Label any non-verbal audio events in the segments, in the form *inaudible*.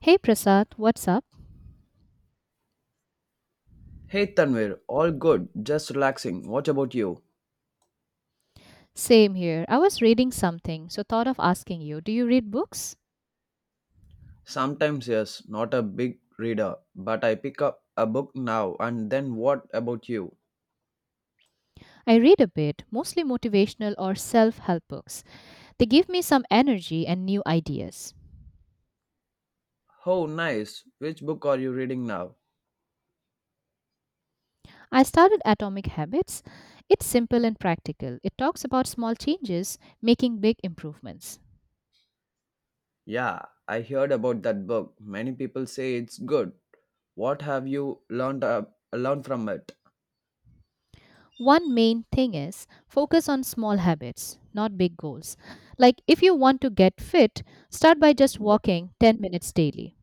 Hey Prasad, what's up? Hey Tanvir, all good, just relaxing. What about you? Same here. I was reading something, so thought of asking you, do you read books? Sometimes, yes, not a big reader, but I pick up a book now and then what about you? I read a bit, mostly motivational or self help books. They give me some energy and new ideas. Oh, nice. Which book are you reading now? I started Atomic Habits. It's simple and practical. It talks about small changes making big improvements. Yeah, I heard about that book. Many people say it's good. What have you learned from it? One main thing is focus on small habits, not big goals. Like if you want to get fit, start by just walking 10 minutes daily.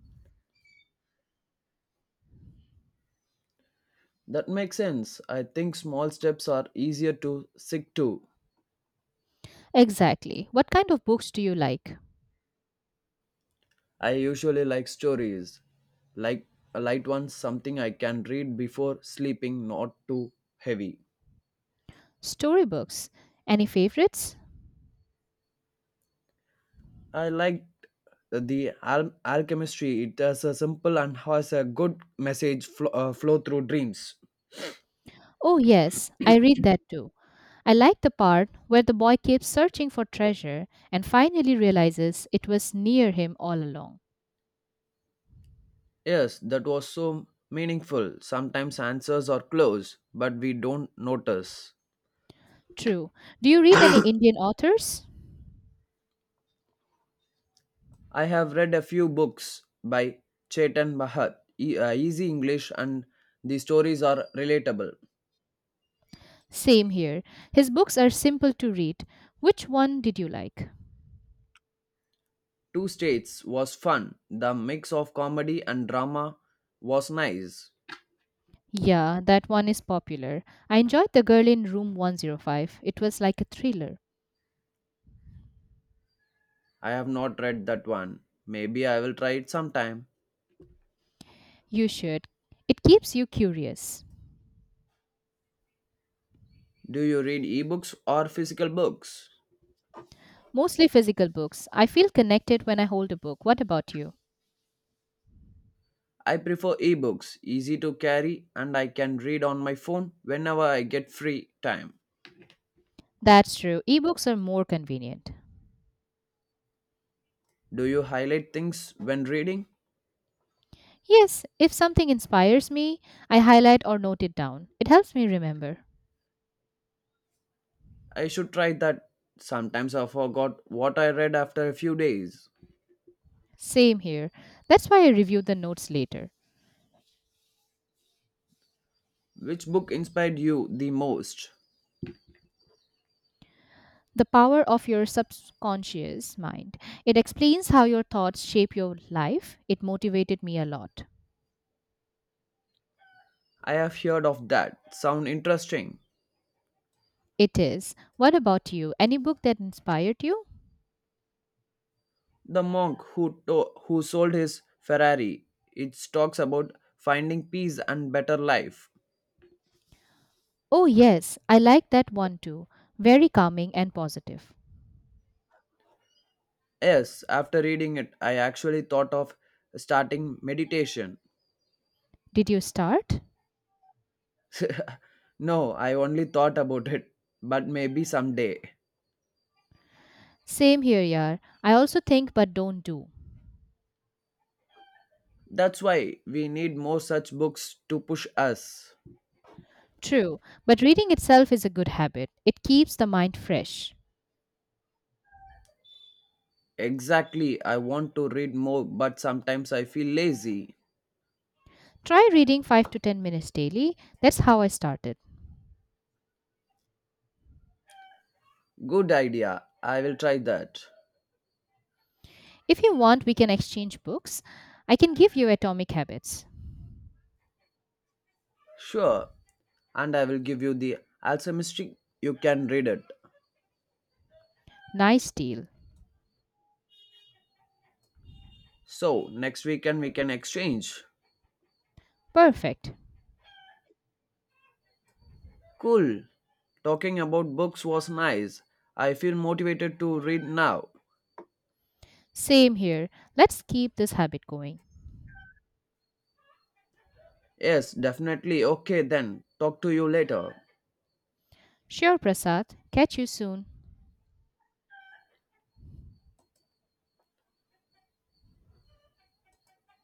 That makes sense. I think small steps are easier to stick to. Exactly. What kind of books do you like? I usually like stories, like a light ones, something I can read before sleeping, not too heavy. Storybooks. Any favorites? I like the alchemistry. It has a simple and has a good message flow through dreams. Oh, yes, I read that too. I like the part where the boy keeps searching for treasure and finally realizes it was near him all along. Yes, that was so meaningful. Sometimes answers are close, but we don't notice. True. Do you read any Indian authors? I have read a few books by Chetan Bhagat. Easy English and the stories are relatable. Same here. His books are simple to read. Which one did you like? Two States was fun. The mix of comedy and drama was nice. Yeah, that one is popular. I enjoyed The Girl in Room 105. It was like a thriller. I have not read that one. Maybe I will try it sometime. You should. It keeps you curious. Do you read ebooks or physical books? Mostly physical books. I feel connected when I hold a book. What about you? I prefer ebooks, easy to carry, and I can read on my phone whenever I get free time. That's true. Ebooks are more convenient. Do you highlight things when reading? Yes, if something inspires me, I highlight or note it down. It helps me remember. I should try that. Sometimes I forgot what I read after a few days. Same here. That's why I review the notes later. Which book inspired you the most? The power of your subconscious mind. It explains how your thoughts shape your life. It motivated me a lot. I have heard of that. Sound interesting. It is. What about you? Any book that inspired you? The monk who sold his Ferrari. It talks about finding peace and better life. Oh, yes, I like that one too. Very calming and positive. Yes, after reading it, I actually thought of starting meditation. Did you start? *laughs* No, I only thought about it, but maybe someday. Same here, yaar. I also think but don't do. That's why we need more such books to push us. True, but reading itself is a good habit. It keeps the mind fresh. Exactly, I want to read more, but sometimes I feel lazy. Try reading 5 to 10 minutes daily. That's how I started. Good idea, I will try that. If you want, we can exchange books. I can give you Atomic Habits. Sure, and I will give you the alchemistry. You can read it. Nice deal. So next weekend we can exchange. Perfect. Cool. Talking about books was nice. I feel motivated to read now. Same here. Let's keep this habit going. Yes, definitely. Okay then. Talk to you later. Sure, Prasad. Catch you soon.